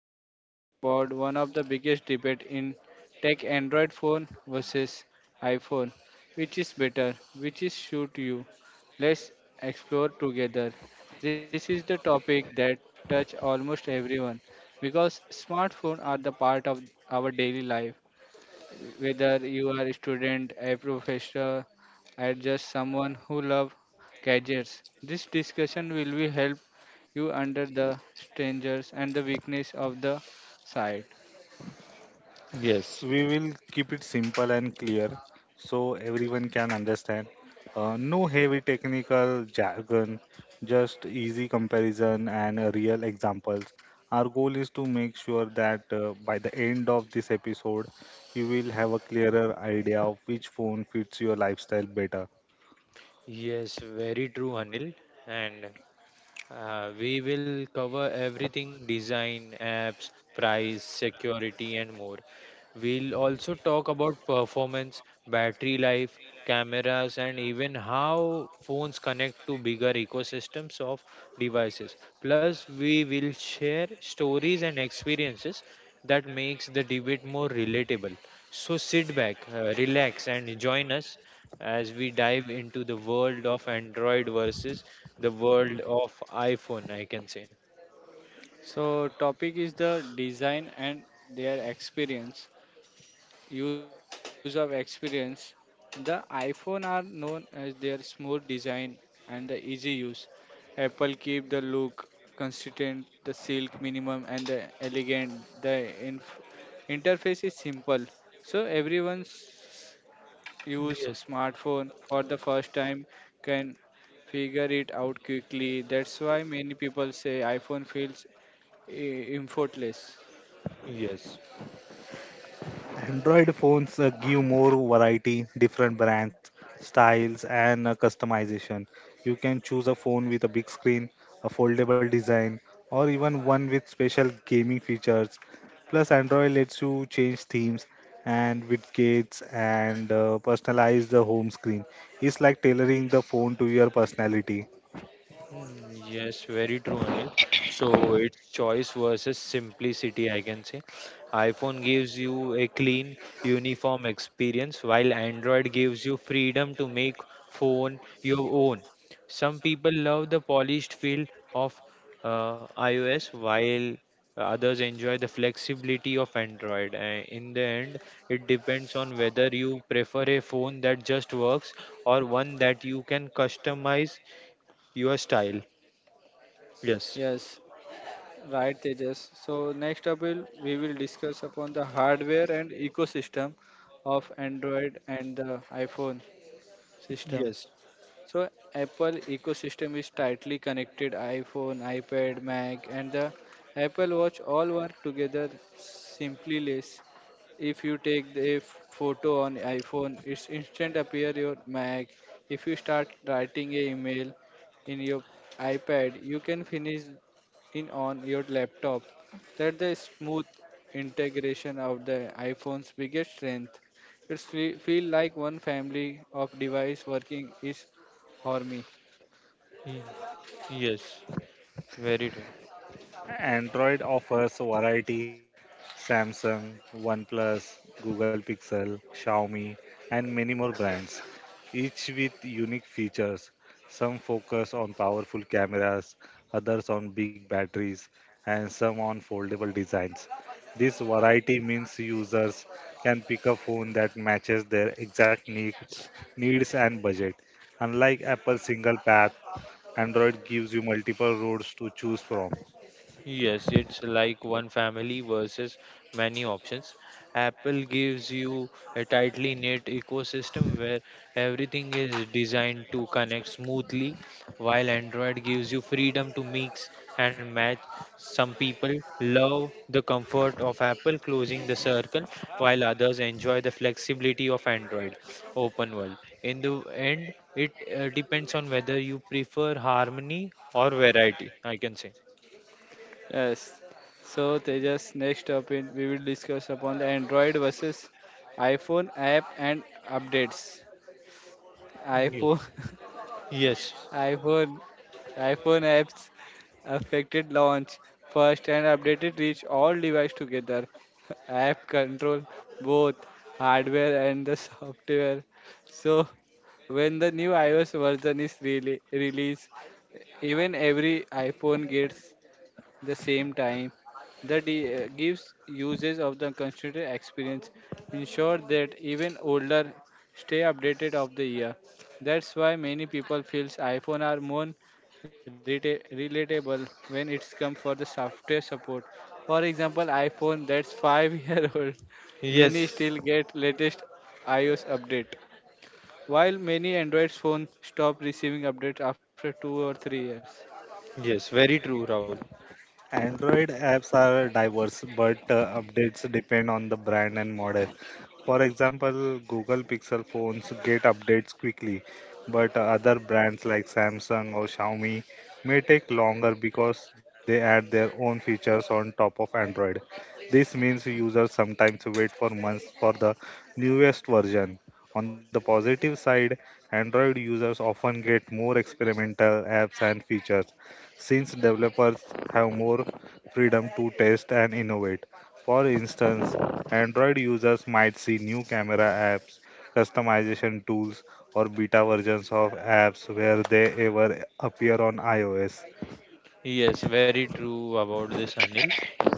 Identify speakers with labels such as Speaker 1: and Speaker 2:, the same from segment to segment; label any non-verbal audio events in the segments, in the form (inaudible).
Speaker 1: we are talking about one of the biggest debate in tech: Android phone versus iPhone. Which is better? Which is suit you? Let's explore together. This is the topic that touch almost everyone because smartphones are the part of our daily life, whether you are a student, a professor, or just someone who loves gadgets. This discussion will be help you under the strangers and the weakness of the site.
Speaker 2: Yes.
Speaker 3: We will keep it simple and clear so everyone can understand. No heavy technical jargon, just easy comparison and real examples. Our goal is to make sure that by the end of this episode, you will have a clearer idea of which phone fits your lifestyle better.
Speaker 2: Yes, very true, Anil. And We will cover everything design, apps, price, security, and more. We'll also talk about performance, battery life, cameras, and even how phones connect to bigger ecosystems of devices. Plus, we will share stories and experiences that makes the debate more relatable. So sit back, relax, and join us as we dive into the world of Android versus the world of iPhone, I can say.
Speaker 1: So topic is the design and their experience. User experience. The iPhone are known as their smooth design and the easy use. Apple keep the look consistent, the silk minimum and the elegant. The inf- Interface is simple, so everyone's use
Speaker 2: Yes,
Speaker 1: smartphone for the first time can figure it out quickly. That's why many people say iPhone feels effortless.
Speaker 2: yes.
Speaker 3: Android phones give more variety, different brands, styles, and customization. You can choose a phone with a big screen, a foldable design, or even one with special gaming features. Plus, Android lets you change themes and widgets and personalize the home screen. It's like tailoring the phone to your personality.
Speaker 2: Yes, very true, Anil. So it's choice versus simplicity, I can say. iPhone gives you a clean, uniform experience, while Android gives you freedom to make phone your own. Some people love the polished feel of iOS, while others enjoy the flexibility of Android. In the end, it depends on whether you prefer a phone that just works or one that you can customize your style. Yes.
Speaker 1: Yes, right, Tejas. So next up will we will discuss upon the hardware and ecosystem of Android and the iPhone system.
Speaker 2: Yes.
Speaker 1: So Apple ecosystem is tightly connected. iPhone, iPad, Mac, and the Apple Watch all work together simply less. If you take the photo on iPhone, it's instant appear your Mac. If you start writing a email in your iPad, you can finish in on your laptop. That the smooth integration of the iPhone's biggest strength. It's feel like one family of device working is for me.
Speaker 2: Mm. Yes. Very true.
Speaker 3: Android offers variety, Samsung, OnePlus, Google Pixel, Xiaomi, and many more brands, each with unique features. Some focus on powerful cameras, others on big batteries, and some on foldable designs. This variety means users can pick a phone that matches their exact needs and budget. Unlike Apple's single path, Android gives you multiple roads to choose from.
Speaker 2: Yes, it's like one family versus many options. Apple gives you a tightly knit ecosystem where everything is designed to connect smoothly, while Android gives you freedom to mix and match. Some people love the comfort of Apple closing the circle, while others enjoy the flexibility of Android open world. In the end, it depends on whether you prefer harmony or variety, I can say.
Speaker 1: Yes. So Tejas, next up in we will discuss upon the Android versus iPhone app and updates. iPhone (laughs)
Speaker 2: Yes,
Speaker 1: iPhone iPhone apps affected launch first and updated reach all device together. (laughs) App control both hardware and the software. So when the new iOS version is really released, even every iPhone gets the same time that gives users of the constituted experience, ensure that even older stay updated of the year. That's why many people feels iphone are more relatable when it's come for the software support. For example, iphone that's 5 (laughs) year old,
Speaker 2: yes,
Speaker 1: many still get latest ios update, while many android phones stop receiving updates after 2 or 3 years.
Speaker 2: yes, very true, Rahul.
Speaker 3: Android apps are diverse, but updates depend on the brand and model. For example, Google Pixel phones get updates quickly, but other brands like Samsung or Xiaomi may take longer because they add their own features on top of Android. This means users sometimes wait for months for the newest version. On the positive side, Android users often get more experimental apps and features since developers have more freedom to test and innovate. For instance, Android users might see new camera apps, customization tools, or beta versions of apps where they ever appear on iOS.
Speaker 2: Yes, very true about this, Anil.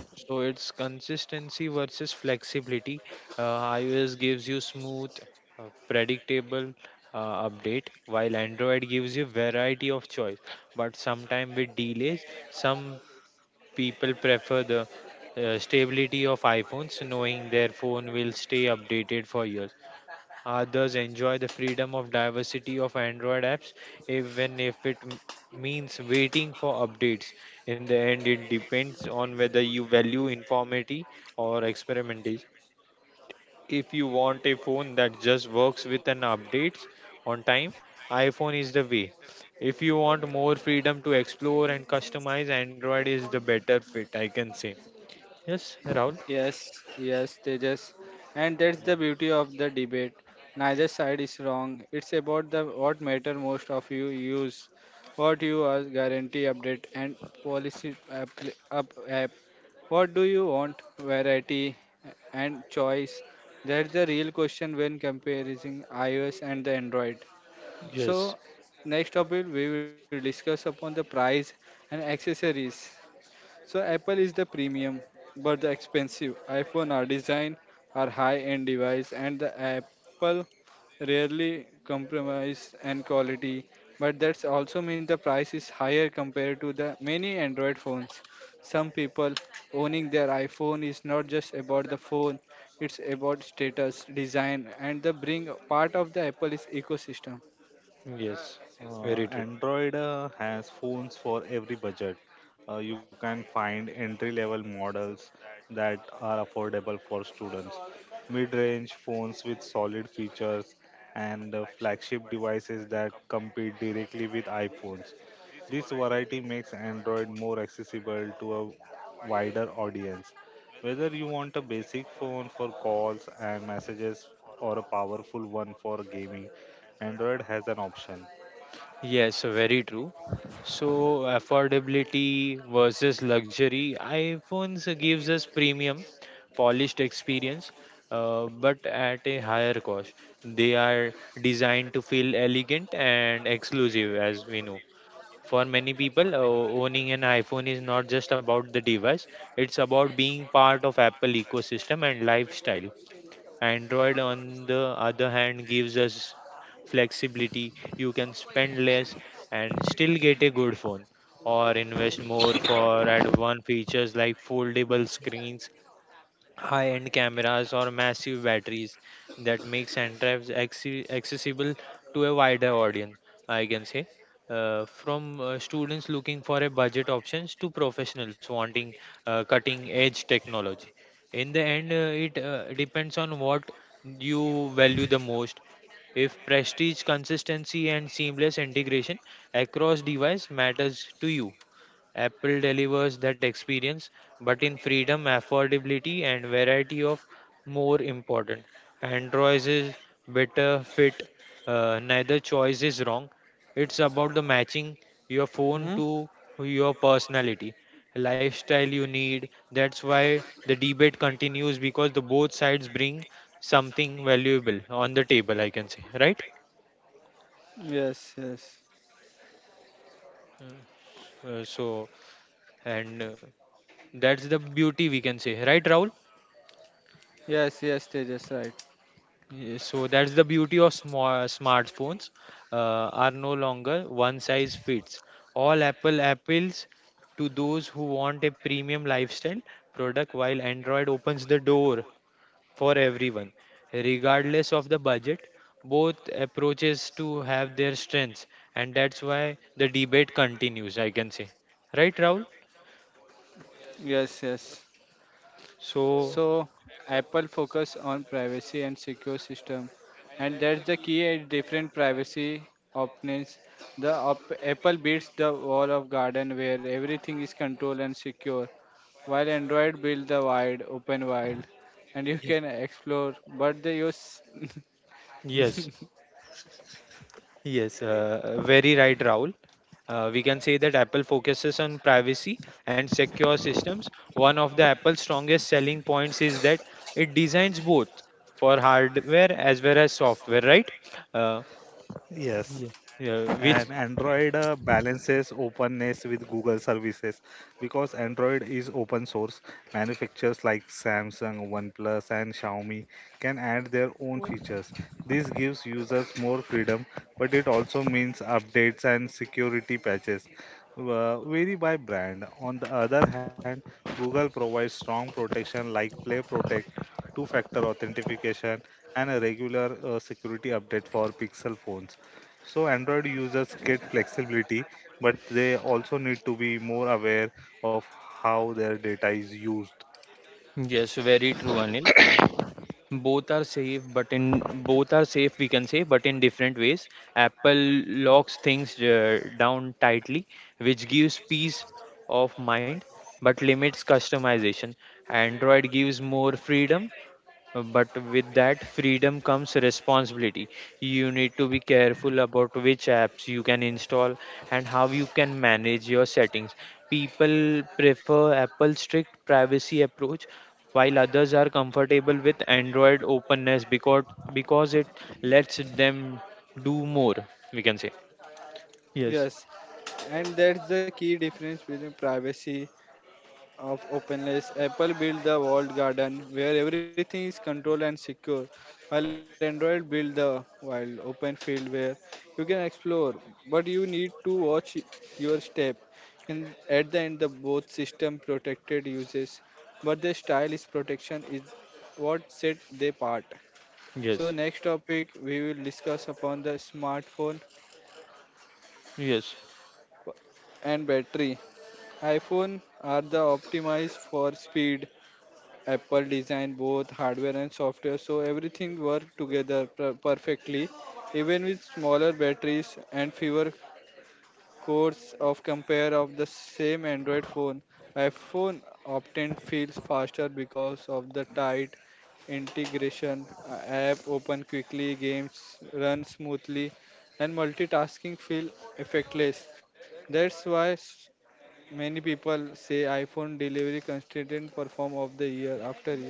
Speaker 2: So it's consistency versus flexibility. iOS gives you smooth, predictable update, while Android gives you variety of choice. But sometimes with delays, some people prefer the stability of iPhones, knowing their phone will stay updated for years. Others enjoy the freedom of diversity of Android apps, even if it means waiting for updates. In the end, it depends on whether you value informality or experimentation. If you want a phone that just works with an updates on time, iPhone is the way. If you want more freedom to explore and customize, Android is the better fit, I can say. Yes, Rahul?
Speaker 1: Yes, yes, Tejas, and that's the beauty of the debate. Neither side is wrong. It's about the what matter most of you use, what you are guarantee update and policy app, app. What do you want? Variety and choice. That's the real question when comparing iOS and the Android.
Speaker 2: Yes,
Speaker 1: So next topic we will discuss upon the price and accessories. So Apple is the premium, but the expensive. iPhone are designed are high-end device, and the Apple rarely compromise and quality. But that's also means the price is higher compared to the many Android phones. Some people owning their iPhone is not just about the phone; it's about status, design, and the bring part of the Apple is ecosystem.
Speaker 2: yes, very true.
Speaker 3: Android has phones for every budget. You can find entry level models that are affordable for students, mid range phones with solid features, and flagship devices that compete directly with iPhones. This variety makes Android more accessible to a wider audience. Whether you want a basic phone for calls and messages or a powerful one for gaming, Android has an option.
Speaker 2: Yes, very true. So, affordability versus luxury. iPhones gives us premium, polished experience, but at a higher cost. They are designed to feel elegant and exclusive, as we know. For many people, owning an iPhone is not just about the device, it's about being part of Apple ecosystem and lifestyle. Android, on the other hand, gives us flexibility. You can spend less and still get a good phone, or invest more for advanced features like foldable screens high-end cameras or massive batteries that makes accessible to a wider audience, I can say. From students looking for a budget options to professionals wanting cutting edge technology. In the end, it depends on what you value the most. If prestige, consistency, and seamless integration across device matters to you, Apple delivers that experience, but in freedom, affordability, and variety of more important. Android is better fit. Neither choice is wrong. It's about the matching your phone
Speaker 1: Hmm?
Speaker 2: to your personality, lifestyle you need. That's why the debate continues because the both sides bring something valuable on the table. I can say, right?
Speaker 1: Yes, yes,
Speaker 2: Uh, so, and that's the beauty we can say, right, Rahul?
Speaker 1: yes. Tejas, right.
Speaker 2: Yeah, so that's the beauty of small smartphones uh, are no longer one size fits all. Apple appeals to those who want a premium lifestyle product, while Android opens the door for everyone, regardless of the budget. Both approaches to have their strengths, and that's why the debate continues. I can say, right, Rahul?
Speaker 1: Yes, yes.
Speaker 2: So
Speaker 1: So Apple focus on privacy and secure system, and that's the key at different privacy options. Apple builds the wall of garden where everything is controlled and secure, while Android builds the wide open wild, and you
Speaker 2: yes,
Speaker 1: can explore. But they use
Speaker 2: yes,
Speaker 1: (laughs)
Speaker 2: yes, very right, Rahul. We can say that Apple focuses on privacy and secure systems. One of the Apple's strongest selling points is that it designs both for hardware as well as software, right? Uh,
Speaker 3: Yes,
Speaker 2: Yeah. Yeah,
Speaker 3: and
Speaker 2: which
Speaker 3: Android balances openness with Google services because Android is open source. Manufacturers like Samsung, OnePlus, and Xiaomi can add their own features. This gives users more freedom, but it also means updates and security patches vary by brand. On the other hand, Google provides strong protection like Play Protect, two factor authentication, and a regular security update for Pixel phones. So Android users get flexibility, but they also need to be more aware of how their data is used.
Speaker 2: yes, very true, Anil. Both are safe, but in Both are safe, we can say, but in different ways. Apple locks things down tightly, which gives peace of mind, but limits customization. Android gives more freedom. But with that freedom comes responsibility. You need to be careful about which apps you can install and how you can manage your settings. People prefer Apple's strict privacy approach, while others are comfortable with Android openness because it lets them do more, we can say. Yes,
Speaker 1: yes, and that's the key difference between privacy of openness. Apple built the walled garden where everything is controlled and secure, while Android built the wild open field where you can explore, but you need to watch your step. In at the end, the both system protected uses, but their style is protection is what set they apart. So
Speaker 2: yes,
Speaker 1: next topic we will discuss upon the smartphone
Speaker 2: yes,
Speaker 1: and battery. iPhone are the optimized for speed. Apple designed both hardware and software, so everything worked together perfectly. Even with smaller batteries and fewer cores of compare of the same Android phone, iPhone often feels faster because of the tight integration. App open quickly, games run smoothly, and multitasking feel effortless. That's why many people say iPhone delivery consistent perform of the year after year.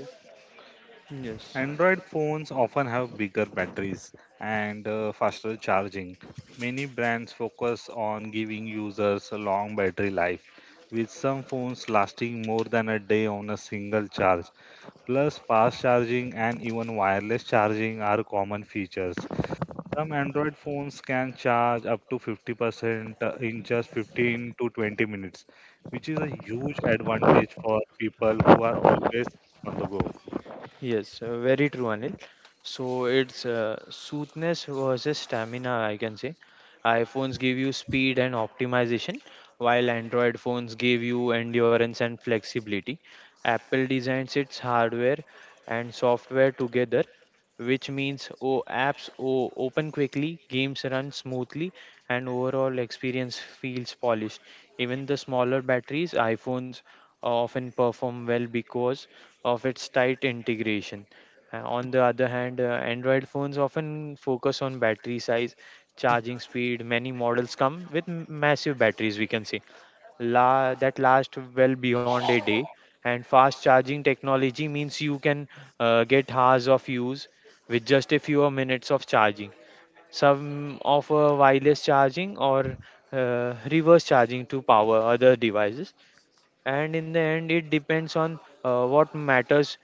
Speaker 2: yes.
Speaker 3: Android phones often have bigger batteries and faster charging. Many brands focus on giving users a long battery life, with some phones lasting more than a day on a single charge. Plus, fast charging and even wireless charging are common features. Some Android phones can charge up to 50% in just 15 to 20 minutes, which is a huge advantage for people who are always on the go.
Speaker 2: Yes, very true, Anil. So it's smoothness versus stamina, I can say. iPhones give you speed and optimization, while Android phones give you endurance and flexibility. Apple designs its hardware and software together which means apps open quickly, games run smoothly, and overall experience feels polished. Even the smaller batteries, iPhones often perform well because of its tight integration. On the other hand, Android phones often focus on battery size, charging speed. Many models come with massive batteries, we can say that last well beyond a day. And fast charging technology means you can get hours of use with just a few minutes of charging. Some offer wireless charging or reverse charging to power other devices. And in the end it depends on what matters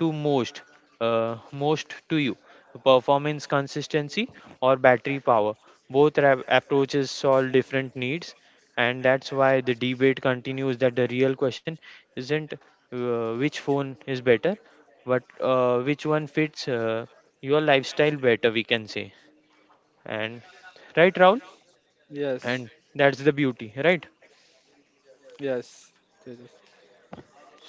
Speaker 2: to most most to you, performance consistency or battery power. Both approaches solve different needs, and that's why the debate continues. That the real question isn't which phone is better but which one fits your lifestyle better, we can say. And right, Raul, and
Speaker 1: Yes.
Speaker 2: that's the beauty, right?
Speaker 1: Yes, Jesus.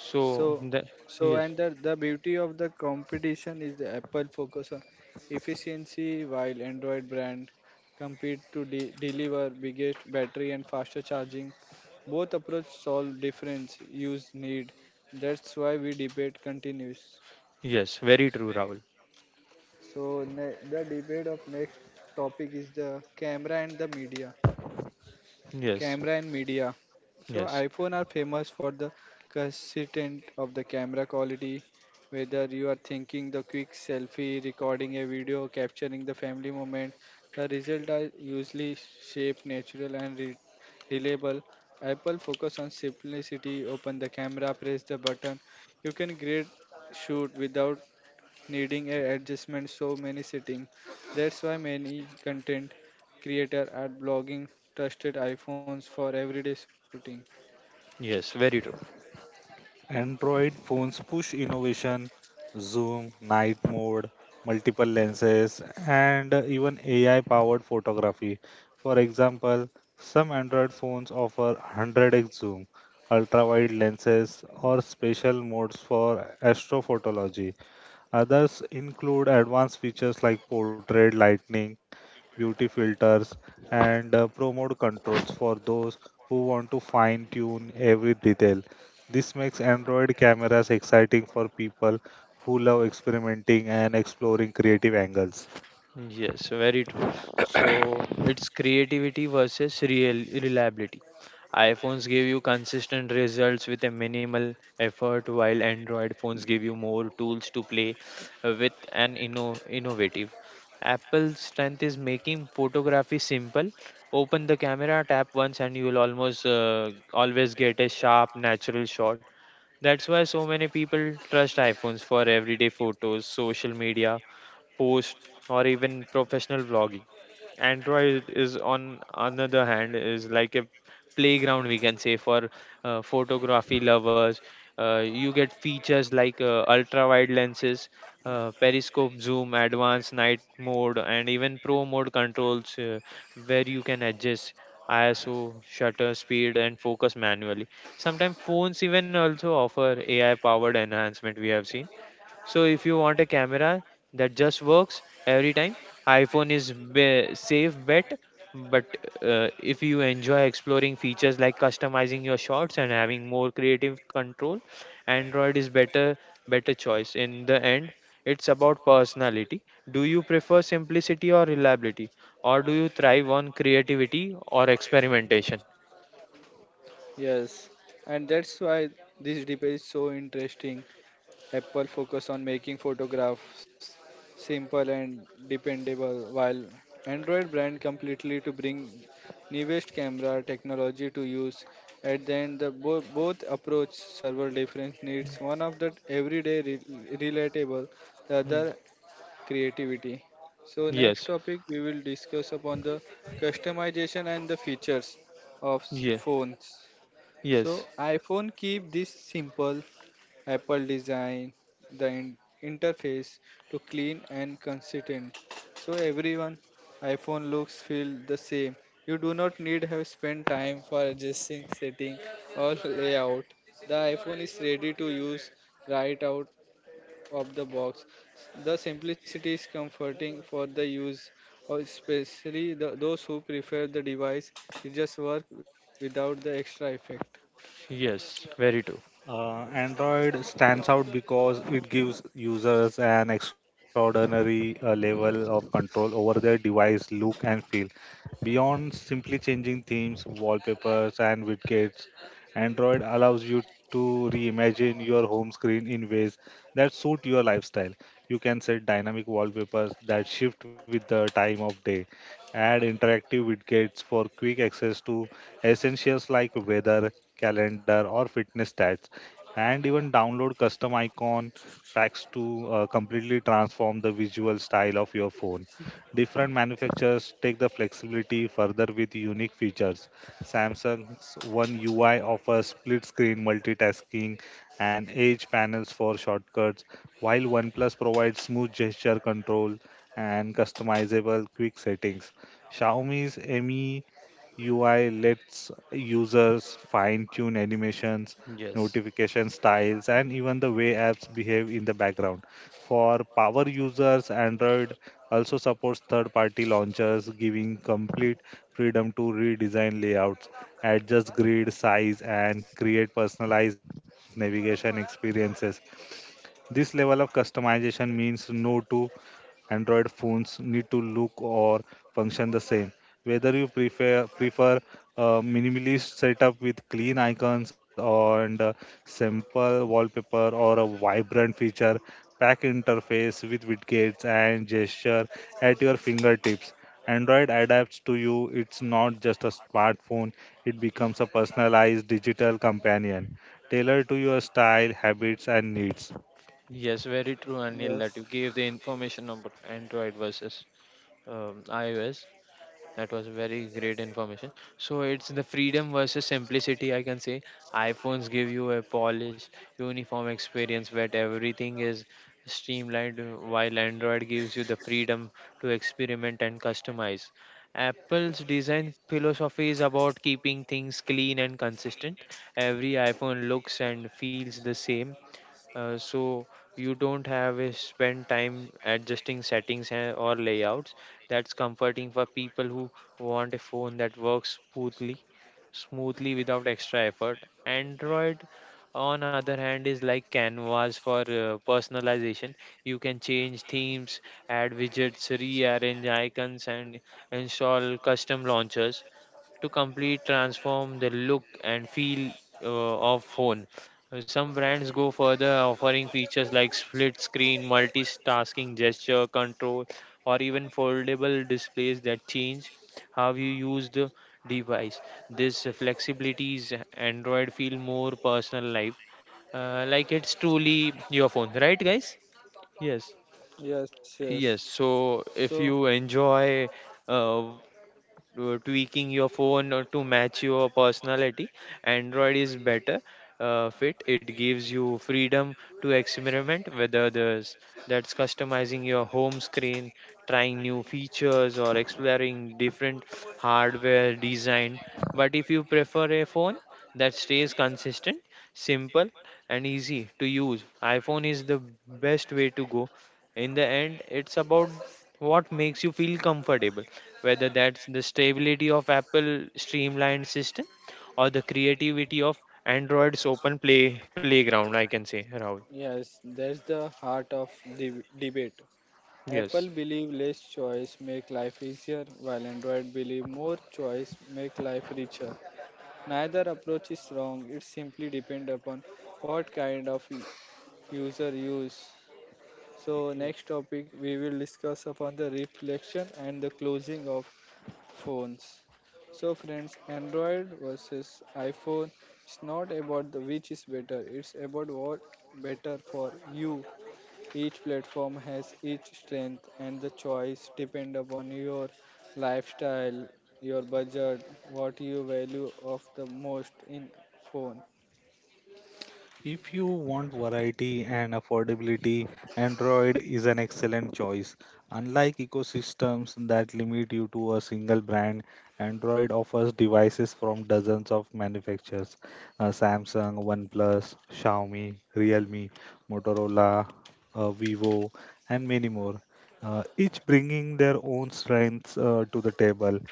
Speaker 2: so
Speaker 1: So,
Speaker 2: the,
Speaker 1: so
Speaker 2: yes,
Speaker 1: and the, the beauty of the competition is the Apple focus on efficiency, while Android brand compete to deliver biggest battery and faster charging. Both approach solve difference use need. That's why we debate continues.
Speaker 2: yes, very true, Raul.
Speaker 1: So the debate of next topic is the camera and the media.
Speaker 2: Yes,
Speaker 1: Camera and media. So
Speaker 2: yes,
Speaker 1: iPhone are famous for the consistent of the camera quality. Whether you are thinking the quick selfie, recording a video, capturing the family moment, the result are usually shaped, natural and reliable. Apple focus on simplicity. Open the camera, press the button. You can great shoot without needing a adjustment so many setting. That's why many content creator are blogging trusted iPhones for everyday shooting.
Speaker 2: yes, very true.
Speaker 3: Android phones push innovation, zoom, night mode, multiple lenses, and even AI powered photography. For example, some Android phones offer 100x zoom, ultra wide lenses, or special modes for astrophotology. Others include advanced features like portrait lighting, beauty filters, and pro mode controls for those who want to fine tune every detail. This makes Android cameras exciting for people who love experimenting and exploring creative angles.
Speaker 2: Yes, very true. So it's creativity versus real reliability. iPhones give you consistent results with a minimal effort, while Android phones give you more tools to play with and innovative. Apple's strength is making photography simple. Open the camera, tap once, and you will almost always get a sharp, natural shot. That's why so many people trust iPhones for everyday photos, social media, post, or even professional vlogging. Android is on another hand is like a playground we can say for photography lovers. You get features like ultra wide lenses, periscope zoom, advanced night mode, and even pro mode controls where you can adjust ISO, shutter speed, and focus manually. Sometimes phones even also offer AI powered enhancement. We have seen so if you want a camera that just works every time, iPhone is be safe bet. But if you enjoy exploring features like customizing your shots and having more creative control, Android is better choice. In the end, it's about personality. Do you prefer simplicity or reliability, or do you thrive on creativity or experimentation?
Speaker 1: Yes, and that's why this debate is so interesting. Apple focus on making photographs simple and dependable, while Android brand completely to bring newest camera technology to use. At the end, the both approach server different needs. One of the everyday relatable, the
Speaker 2: Hmm.
Speaker 1: other creativity. So next
Speaker 2: Yes.
Speaker 1: topic we will discuss upon the customization and the features of
Speaker 2: Yeah.
Speaker 1: phones.
Speaker 2: Yes.
Speaker 1: So iPhone keep this simple. Apple designed the interface to clean and consistent. So everyone iPhone looks feel the same. You do not need have spent time for adjusting setting or layout. The iPhone is ready to use right out of the box. The simplicity is comforting for the use, or especially the, those who prefer the device to just work without the extra effect.
Speaker 2: Yes. Very true.
Speaker 3: Android stands out because it gives users an extraordinary level of control over their device look and feel. Beyond simply changing themes, wallpapers, and widgets, Android allows you to reimagine your home screen in ways that suit your lifestyle. You can set dynamic wallpapers that shift with the time of day, add interactive widgets for quick access to essentials like weather, calendar, or fitness stats and even download custom icon packs to completely transform the visual style of your phone. Different manufacturers take the flexibility further with unique features. Samsung's One UI offers split screen multitasking and edge panels for shortcuts, while OnePlus provides smooth gesture control and customizable quick settings. Xiaomi's Mi UI lets users fine tune animations,
Speaker 2: Yes.
Speaker 3: notification styles, and even the way apps behave in the background. For power users, Android also supports third party launchers, giving complete freedom to redesign layouts, adjust grid size, and create personalized navigation experiences. This level of customization means no two Android phones need to look or function the same. Whether you prefer a minimalist setup with clean icons or and a simple wallpaper or a vibrant feature pack interface with widgets and gesture at your fingertips. Android adapts to you. It's not just a smartphone, it becomes a personalized digital companion tailored to your style, habits, and needs.
Speaker 2: Yes, very true, Anil, that
Speaker 1: Yes,
Speaker 2: you gave the information about Android versus iOS. That was very great information. So it's the freedom versus simplicity, I can say. iPhones give you a polished, uniform experience where everything is streamlined, while Android gives you the freedom to experiment and customize. Apple's design philosophy is about keeping things clean and consistent. Every iPhone looks and feels the same so you don't have a spend time adjusting settings and, or layouts. That's comforting for people who want a phone that works smoothly without extra effort. Android on other hand is like canvas for personalization. You can change themes, add widgets, rearrange icons, and install custom launchers to complete transform the look and feel of phone. Some brands go further, offering features like split screen, multitasking gesture control, or even foldable displays that change how you use the device. This flexibility is Android feel more personal life, like it's truly your phone, right, guys? Yes,
Speaker 1: yes, yes.
Speaker 2: yes. So
Speaker 1: So
Speaker 2: if you enjoy uh, tweaking your phone to match your personality. Android is better fit. It gives you freedom to experiment, whether that's customizing your home screen, trying new features, or exploring different hardware design. But if you prefer a phone that stays consistent, simple, and easy to use, iPhone is the best way to go. In the end, it's about what makes you feel comfortable whether that's the stability of Apple streamlined system or the creativity of Android's open playground, I can say, Rahul.
Speaker 1: Yes, that's the heart of the debate.
Speaker 2: Yes.
Speaker 1: Apple believe less choice make life easier, while Android believe more choice make life richer. Neither approach is wrong. It simply depends upon what kind of user use. So
Speaker 2: Yeah.
Speaker 1: next topic we will discuss upon the reflection and the closing of phones. So friends, Android versus iPhone. It's not about the which is better. It's about what better for you. Each platform has each strength, and the choice depend upon your lifestyle, your budget, what you value of the most in phone.
Speaker 3: If you want variety and affordability, Android is an excellent choice. Unlike ecosystems that limit you to a single brand, Android offers devices from dozens of manufacturers Samsung, OnePlus, Xiaomi, Realme, Motorola, Vivo, and many more, each bringing their own strengths to the table.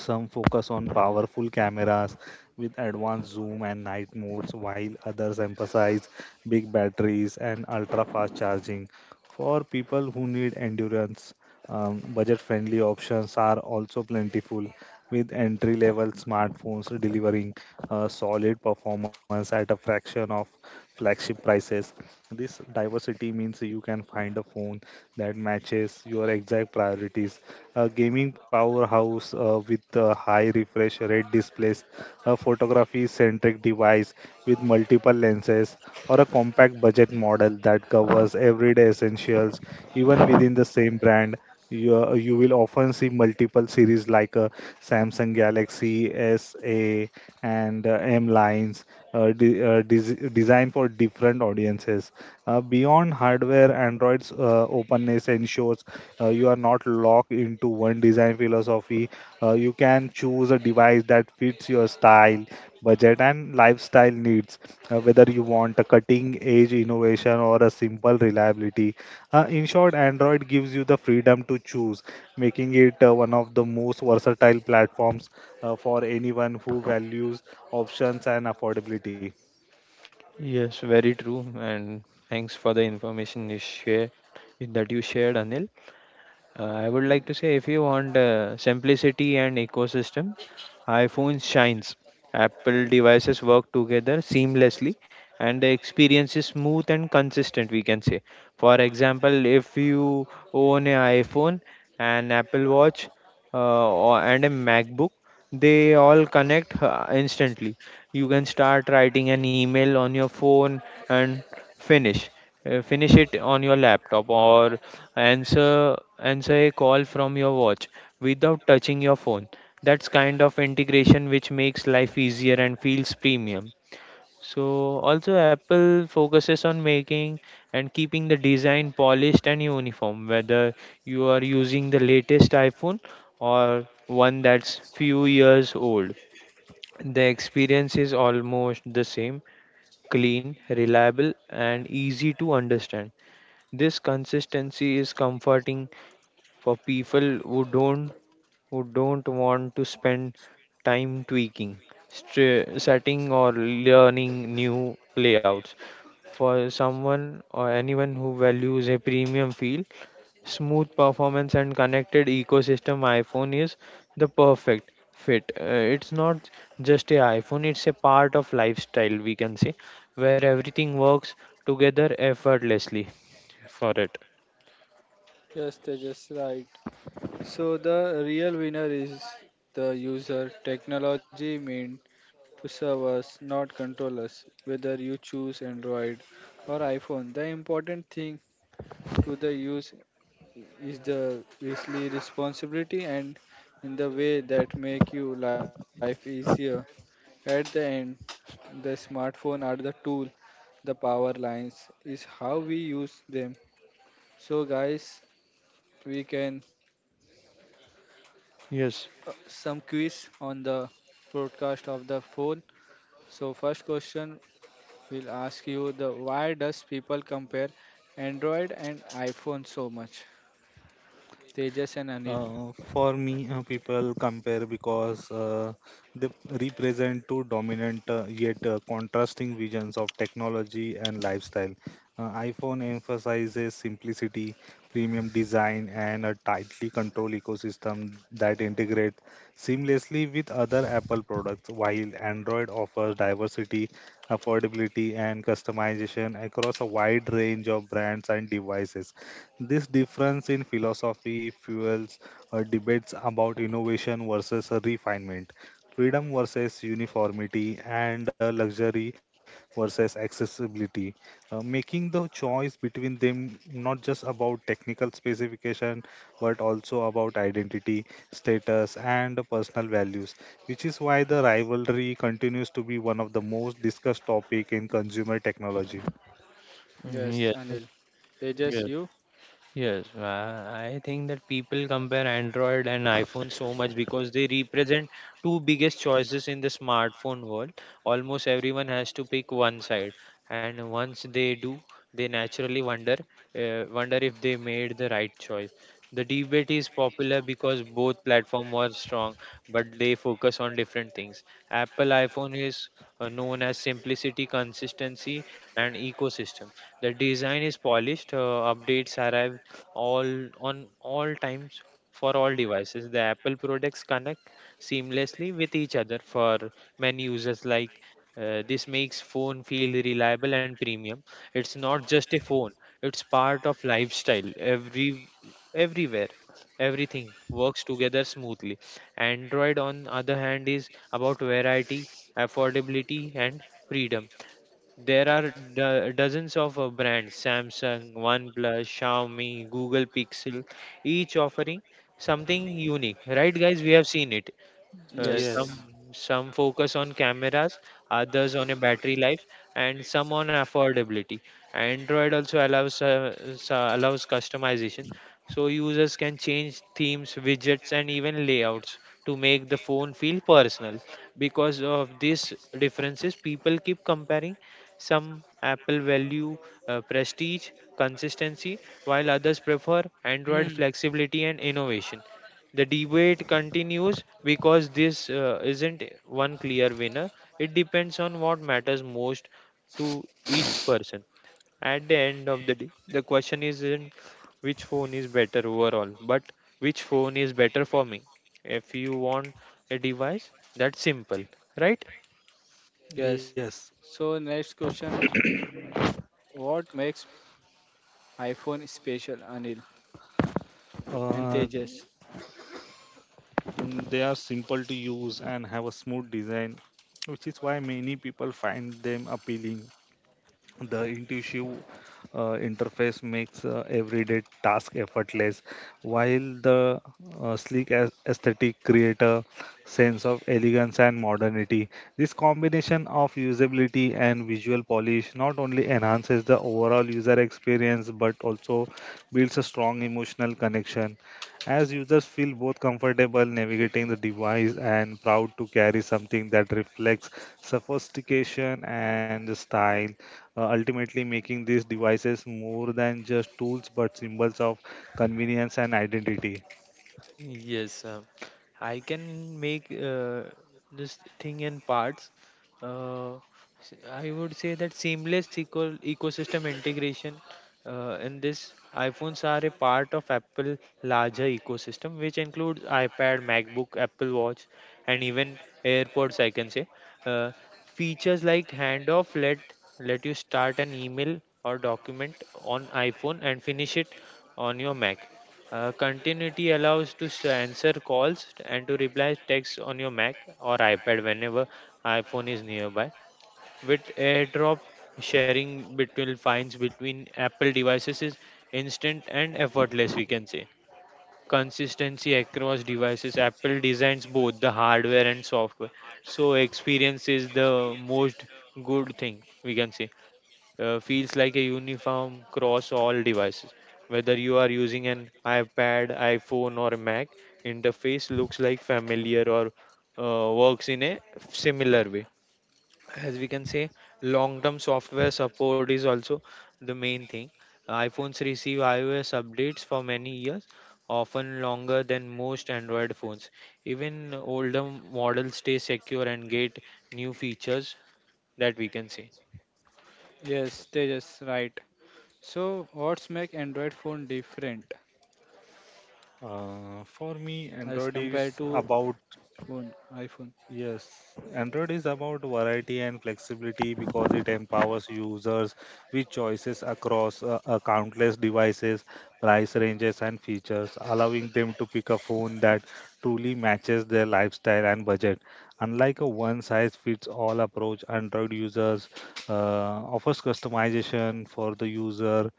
Speaker 3: Some focus on powerful cameras with advanced zoom and night modes, while others emphasize big batteries and ultra fast charging. For people who need endurance, budget friendly options are also plentiful, with entry level smartphones delivering a solid performance at a fraction of flagship prices. This diversity means you can find a phone that matches your exact priorities. A gaming powerhouse with a high refresh rate displays, a photography centric device with multiple lenses, or a compact budget model that covers everyday essentials even within the same brand you will often see multiple series like a Samsung Galaxy S A and M lines designed for different audiences. Beyond hardware, Android's openness ensures you are not locked into one design philosophy. You can choose a device that fits your style, budget, and lifestyle needs, whether you want a cutting edge innovation or a simple reliability. In short, Android gives you the freedom to choose, making it one of the most versatile platforms for anyone who values options and affordability.
Speaker 2: Yes, very true. And thanks for the information you shared, Anil. I would like to say if you want simplicity and ecosystem, iPhone shines. Apple devices work together seamlessly and the experience is smooth and consistent, we can say. For example, if you own an iPhone, an Apple Watch, and a MacBook, they all connect instantly. You can start writing an email on your phone and finish finish it on your laptop, or answer a call from your watch without touching your phone. That's kind of integration which makes life easier and feels premium. So also Apple focuses on making and keeping the design polished and uniform. Whether you are using the latest iPhone or one that's few years old, the experience is almost the same: clean, reliable, and easy to understand. This consistency is comforting for people who don't want to spend time tweaking, setting or learning new layouts. For someone or anyone who values a premium feel, smooth performance and connected ecosystem, iPhone is the perfect fit. It's not just a iPhone, it's a part of lifestyle, we can say, where everything works together effortlessly for it.
Speaker 1: Yes, they just right. So the real winner is the user. Technology mean to serve us, not control us. Whether you choose Android or iPhone, the important thing to the use is the Weasley responsibility and in the way that make you life easier. At the end, the smartphone are the tool, the power lines is how we use them. So guys, we can
Speaker 2: Yes.
Speaker 1: some quiz on the broadcast of the phone. So first question will ask you the why does people compare Android and iPhone so much? Tejas and Anil.
Speaker 3: For me, people compare because they represent two dominant yet contrasting visions of technology and lifestyle. iPhone emphasizes simplicity, premium design, and a tightly controlled ecosystem that integrate seamlessly with other Apple products, while Android offers diversity, affordability, and customization across a wide range of brands and devices this difference in philosophy fuels debates about innovation versus refinement, freedom versus uniformity, and luxury versus accessibility. Making the choice between them not just about technical specification but also about identity, status, and personal values, which is why the rivalry continues to be one of the most discussed topic in consumer technology.
Speaker 2: Mm, yes.
Speaker 1: Yes, Anil.
Speaker 2: Yes.
Speaker 1: Tejas, you?
Speaker 2: Yes, I think that people compare Android and iPhone so much because they represent two biggest choices in the smartphone world. Almost everyone has to pick one side, and once they do, they naturally wonder, wonder if they made the right choice. The debate is popular because both platforms are strong, but they focus on different things. Apple iPhone is known as simplicity, consistency, and ecosystem. The design is polished. Updates arrive all on all times for all devices. The Apple products connect seamlessly with each other for many users. Like this makes phone feel reliable and premium. It's not just a phone; it's part of lifestyle. Everywhere everything works together smoothly. Android on other hand is about variety, affordability and freedom. There are dozens of brands: Samsung, OnePlus, Xiaomi, Google Pixel, each offering something unique, right guys? We have seen it. Some
Speaker 3: Yes,
Speaker 1: Yes.
Speaker 2: focus on cameras, others on a battery life, and some on affordability. Android also allows allows customization, so users can change themes, widgets, and even layouts to make the phone feel personal. Because of these differences, people keep comparing. Some Apple value prestige, consistency, while others prefer Android
Speaker 1: Mm,
Speaker 2: flexibility and innovation. The debate continues because this isn't one clear winner. It depends on what matters most to each person. At the end of the day, the question isn't which phone is better overall, but which phone is better for me. If you want a device, that's simple, right?
Speaker 1: yes.
Speaker 3: yes.
Speaker 1: So next question, what makes iPhone special, Anil and
Speaker 3: Uh,
Speaker 1: Tejas?
Speaker 3: They are simple to use and have a smooth design, which is why many people find them appealing. The intuitive interface makes everyday task effortless, while the sleek aesthetic create a sense of elegance and modernity. This combination of usability and visual polish not only enhances the overall user experience but also builds a strong emotional connection as users feel both comfortable navigating the device and proud to carry something that reflects sophistication and style ultimately making these devices more than just tools but symbols of convenience and identity.
Speaker 2: Yes, I can make this thing in parts. Uh, I would say that seamless ecosystem integration in this iPhones are a part of Apple larger ecosystem, which includes iPad, MacBook, Apple Watch, and even AirPods. I can say uh, features like handoff let you start an email or document on iPhone and finish it on your Mac. Continuity allows to answer calls and to reply text on your Mac or iPad whenever iPhone is nearby. With AirDrop, sharing between finds between Apple devices is instant and effortless, we can say. Consistency across devices. Apple designs both the hardware and software, so experience is the most good thing, we can say, feels like a uniform across all devices. Whether you are using an iPad, iPhone, or a Mac, interface looks like familiar or works in a similar way. As we can say, long term software support is also the main thing. iPhones receive iOS updates for many years, often longer than most Android phones. Even older models stay secure and get new features, that we can say.
Speaker 1: Yes, Tejas, right. So what's make Android phone different
Speaker 3: For me,
Speaker 1: as
Speaker 3: Android
Speaker 1: compared
Speaker 3: is
Speaker 1: to
Speaker 3: about
Speaker 1: phone iPhone?
Speaker 3: Yes, Android is about variety and flexibility because it empowers users with choices across countless devices, price ranges, and features, allowing them to pick a phone that truly matches their lifestyle and budget. Unlike a one size fits all approach, Android users offers customization for the user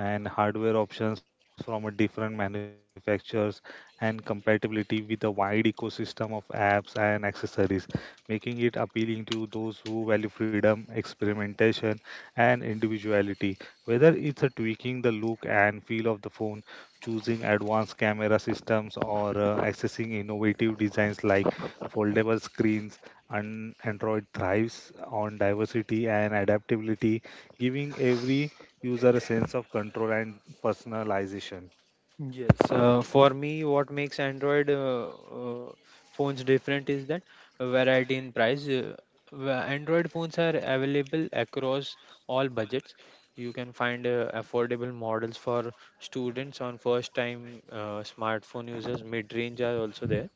Speaker 3: and hardware options from a different manufacturers and compatibility with a wide ecosystem of apps and accessories making it appealing to those who value freedom, experimentation, and individuality. Whether it's a tweaking the look and feel of the phone, choosing advanced camera systems, or accessing innovative designs like foldable screens, and Android thrives on diversity and adaptability, giving every user a sense of control and personalization.
Speaker 2: So for me, what makes Android uh, phones different is that variety in price. Where Android phones are available across all budgets. You can find affordable models for students on first-time smartphone users. Mid-range are also there.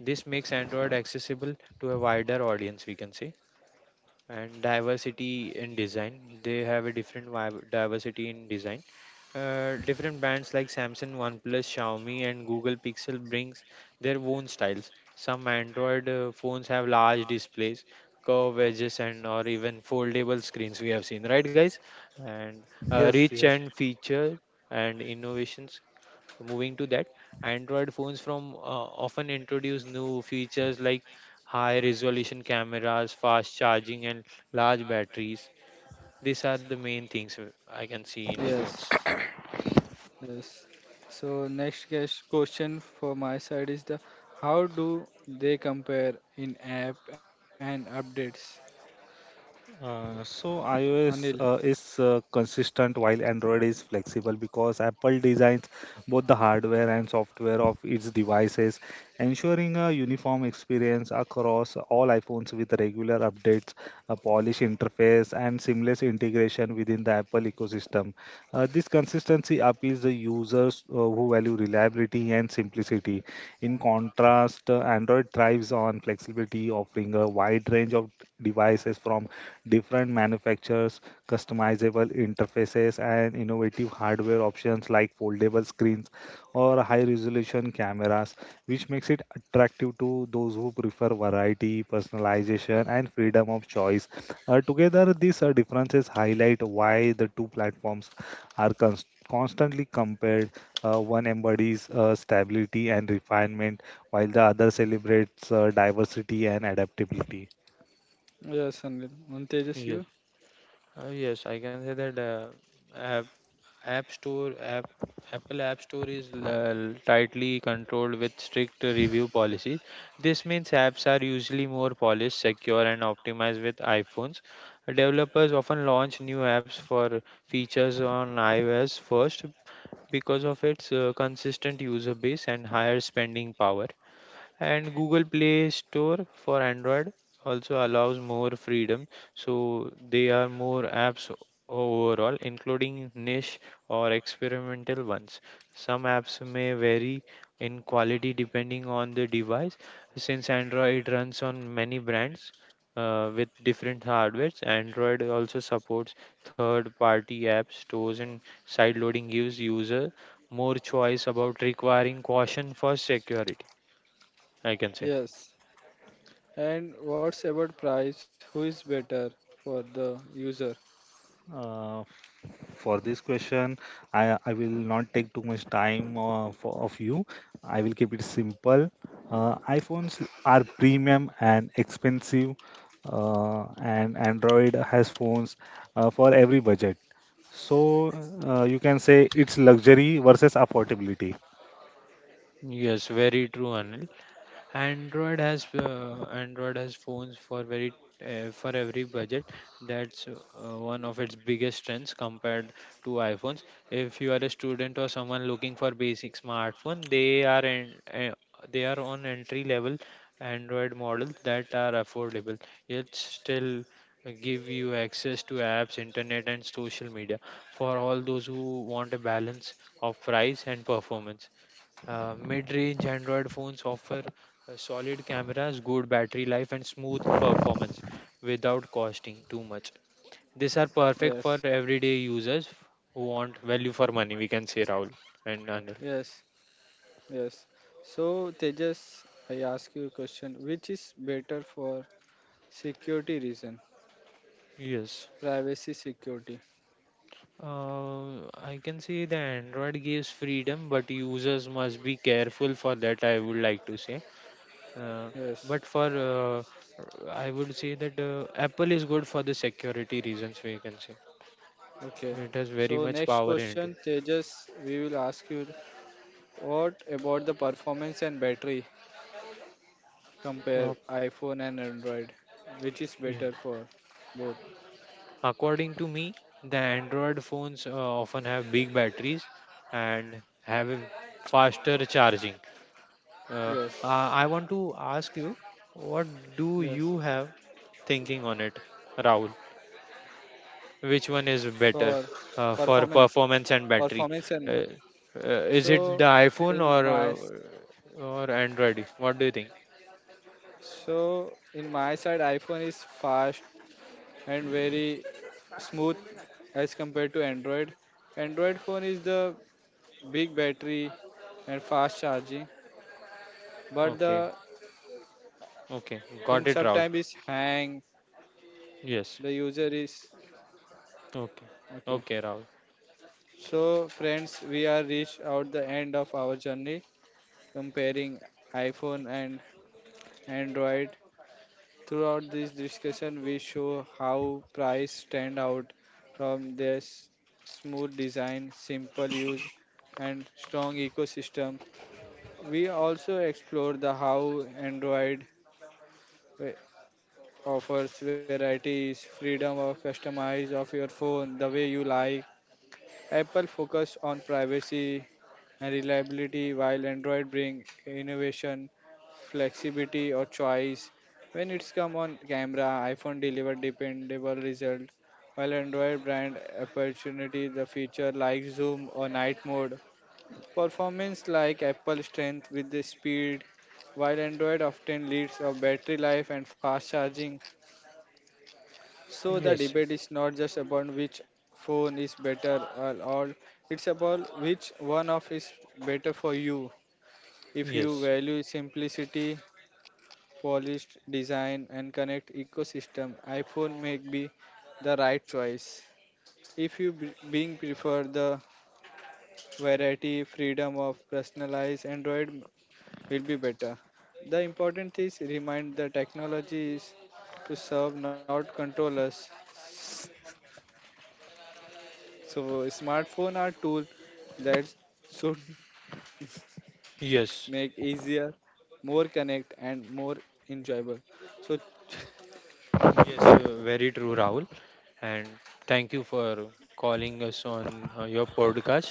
Speaker 2: This makes Android accessible to a wider audience, we can say, and diversity in design. They have a diversity in design. Different brands like Samsung, OnePlus, Xiaomi, and Google Pixel brings their own styles. Some Android phones have large displays, curved edges, and or even foldable screens. We have seen, right, guys? And
Speaker 3: Yes,
Speaker 2: rich
Speaker 3: yes.
Speaker 2: and feature and innovations, moving to that, Android phones from often introduce new features like high resolution cameras, fast charging and large batteries. These are the main things I can see in phones.
Speaker 1: Yes, yes. So next question for my side is the how do they compare in app and updates?
Speaker 3: So
Speaker 1: Anil.
Speaker 3: iOS is consistent while Android is flexible because Apple designs both the hardware and software of its devices, ensuring a uniform experience across all iPhones with regular updates, a polished interface, and seamless integration within the Apple ecosystem. This consistency appeals to users who value reliability and simplicity. In contrast, Android thrives on flexibility, offering a wide range of devices from different manufacturers, customizable interfaces, and innovative hardware options like foldable screens or high resolution cameras, which makes it attractive to those who prefer variety, personalization, and freedom of choice. Together, these differences highlight why the two platforms are constantly compared. One embodies stability and refinement, while the other celebrates diversity and adaptability.
Speaker 1: Yes, Anil. And Tejas,
Speaker 2: Yes.
Speaker 1: you?
Speaker 2: Yes, I can say that uh, App Store, app, Apple App Store is tightly controlled with strict review policies. This means apps are usually more polished, secure, and optimized with iPhones. Developers often launch new apps for features on iOS first because of its consistent user base and higher spending power. And Google Play Store for Android also allows more freedom, so they are more apps overall, including niche or experimental ones. Some apps may vary in quality depending on the device, since Android runs on many brands with different hardwares. Android also supports third party app stores and side loading gives user more choice about requiring caution for security, I can say.
Speaker 1: Yes. And what's about price? Who is better for the user?
Speaker 3: Uh, For this question, I will not take too much time of you. I will keep it simple. iPhones are premium and expensive, and Android has phones for every budget. So you can say it's luxury versus affordability.
Speaker 2: Yes, very true, Anil. Android has phones for very for every budget. That's one of its biggest strengths compared to iPhones. If you are a student or someone looking for basic smartphone, they are on entry level Android models that are affordable, yet still give you access to apps, internet, and social media. For all those who want a balance of price and performance, mid-range Android phones offer solid cameras, good battery life, and smooth performance without costing too much. These are perfect for
Speaker 1: Yes,
Speaker 2: everyday users who want value for money, we can say, Rahul and Anil.
Speaker 1: yes, yes. So Tejas, I ask you a question. Which is better for security reason?
Speaker 2: Yes.
Speaker 1: Privacy security.
Speaker 2: I can say the Android gives freedom, but users must be careful for that. I would like to say, uh,
Speaker 1: Yes.
Speaker 2: but for I would say that Apple is good for the security reasons. We can say
Speaker 1: Okay.
Speaker 2: it has very
Speaker 1: So
Speaker 2: much
Speaker 1: next
Speaker 2: power in it.
Speaker 1: question, Tejas, we will ask you what about the performance and battery? Compare
Speaker 2: Okay.
Speaker 1: iPhone and Android. Which is better for both?
Speaker 2: According to me, the Android phones often have big batteries and have a faster charging. Uh,
Speaker 1: Yes.
Speaker 2: I want to ask you, what do
Speaker 1: Yes.
Speaker 2: you have thinking on it, Rahul? Which one is
Speaker 1: For
Speaker 2: better
Speaker 1: performance.
Speaker 2: for performance and
Speaker 1: Performance
Speaker 2: battery?
Speaker 1: and
Speaker 2: Uh, uh, is
Speaker 1: So
Speaker 2: it the
Speaker 1: in
Speaker 2: iPhone
Speaker 1: my
Speaker 2: or or Android? What do you think?
Speaker 1: so in my side, iPhone is fast and very smooth as compared to Android. Android phone is the big battery and fast charging, but
Speaker 2: Okay,
Speaker 1: the
Speaker 2: okay,
Speaker 1: in
Speaker 2: got it, Rahul.
Speaker 1: sometime is hang.
Speaker 2: Yes.
Speaker 1: The user is
Speaker 2: Okay,
Speaker 1: okay.
Speaker 2: okay, Rahul.
Speaker 1: So friends, we are reached out the end of our journey comparing iPhone and Android. Throughout this discussion, we show how price stand out from their smooth design, simple use, and strong ecosystem. We also explore the how Android wa- offers varieties, freedom of customize of your phone the way you like. Apple focus on privacy and reliability, while Android bring innovation, flexibility, or choice. When it's come on camera, iPhone deliver dependable result, while Android brand opportunity the feature like zoom or night mode. Performance like Apple strength with the speed, while Android often leads of battery life and fast charging. So the
Speaker 2: Yes,
Speaker 1: debate is not just about which phone is better or all, it's about which one of is better for you. If you
Speaker 2: yes,
Speaker 1: value simplicity, polished design, and connect ecosystem, iPhone may be the right choice. If you being prefer the variety, freedom of personalized, Android will be better. The important is remind the technology is to serve, not control us. So smartphone are tool that should (laughs)
Speaker 2: yes.
Speaker 1: make easier, more connect, and more enjoyable. So
Speaker 2: Yes, very true, Rahul. And thank you for calling us on your podcast.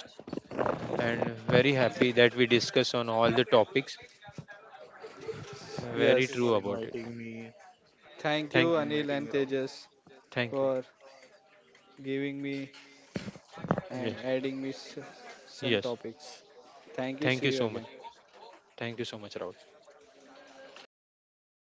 Speaker 2: And very happy that we discuss on all the topics.
Speaker 3: Thank
Speaker 2: Very
Speaker 3: you for
Speaker 2: true
Speaker 1: yes,
Speaker 2: about it.
Speaker 3: inviting me,
Speaker 1: thank you,
Speaker 2: Thank you.
Speaker 1: Anil
Speaker 3: Rahul.
Speaker 1: and Tejas,
Speaker 2: Thank you.
Speaker 1: for giving me and
Speaker 2: Yes.
Speaker 1: adding me some
Speaker 2: Yes.
Speaker 1: topics. Thank you.
Speaker 2: Thank you
Speaker 1: See you
Speaker 2: so much.
Speaker 1: again.
Speaker 2: Thank you so much, Rahul.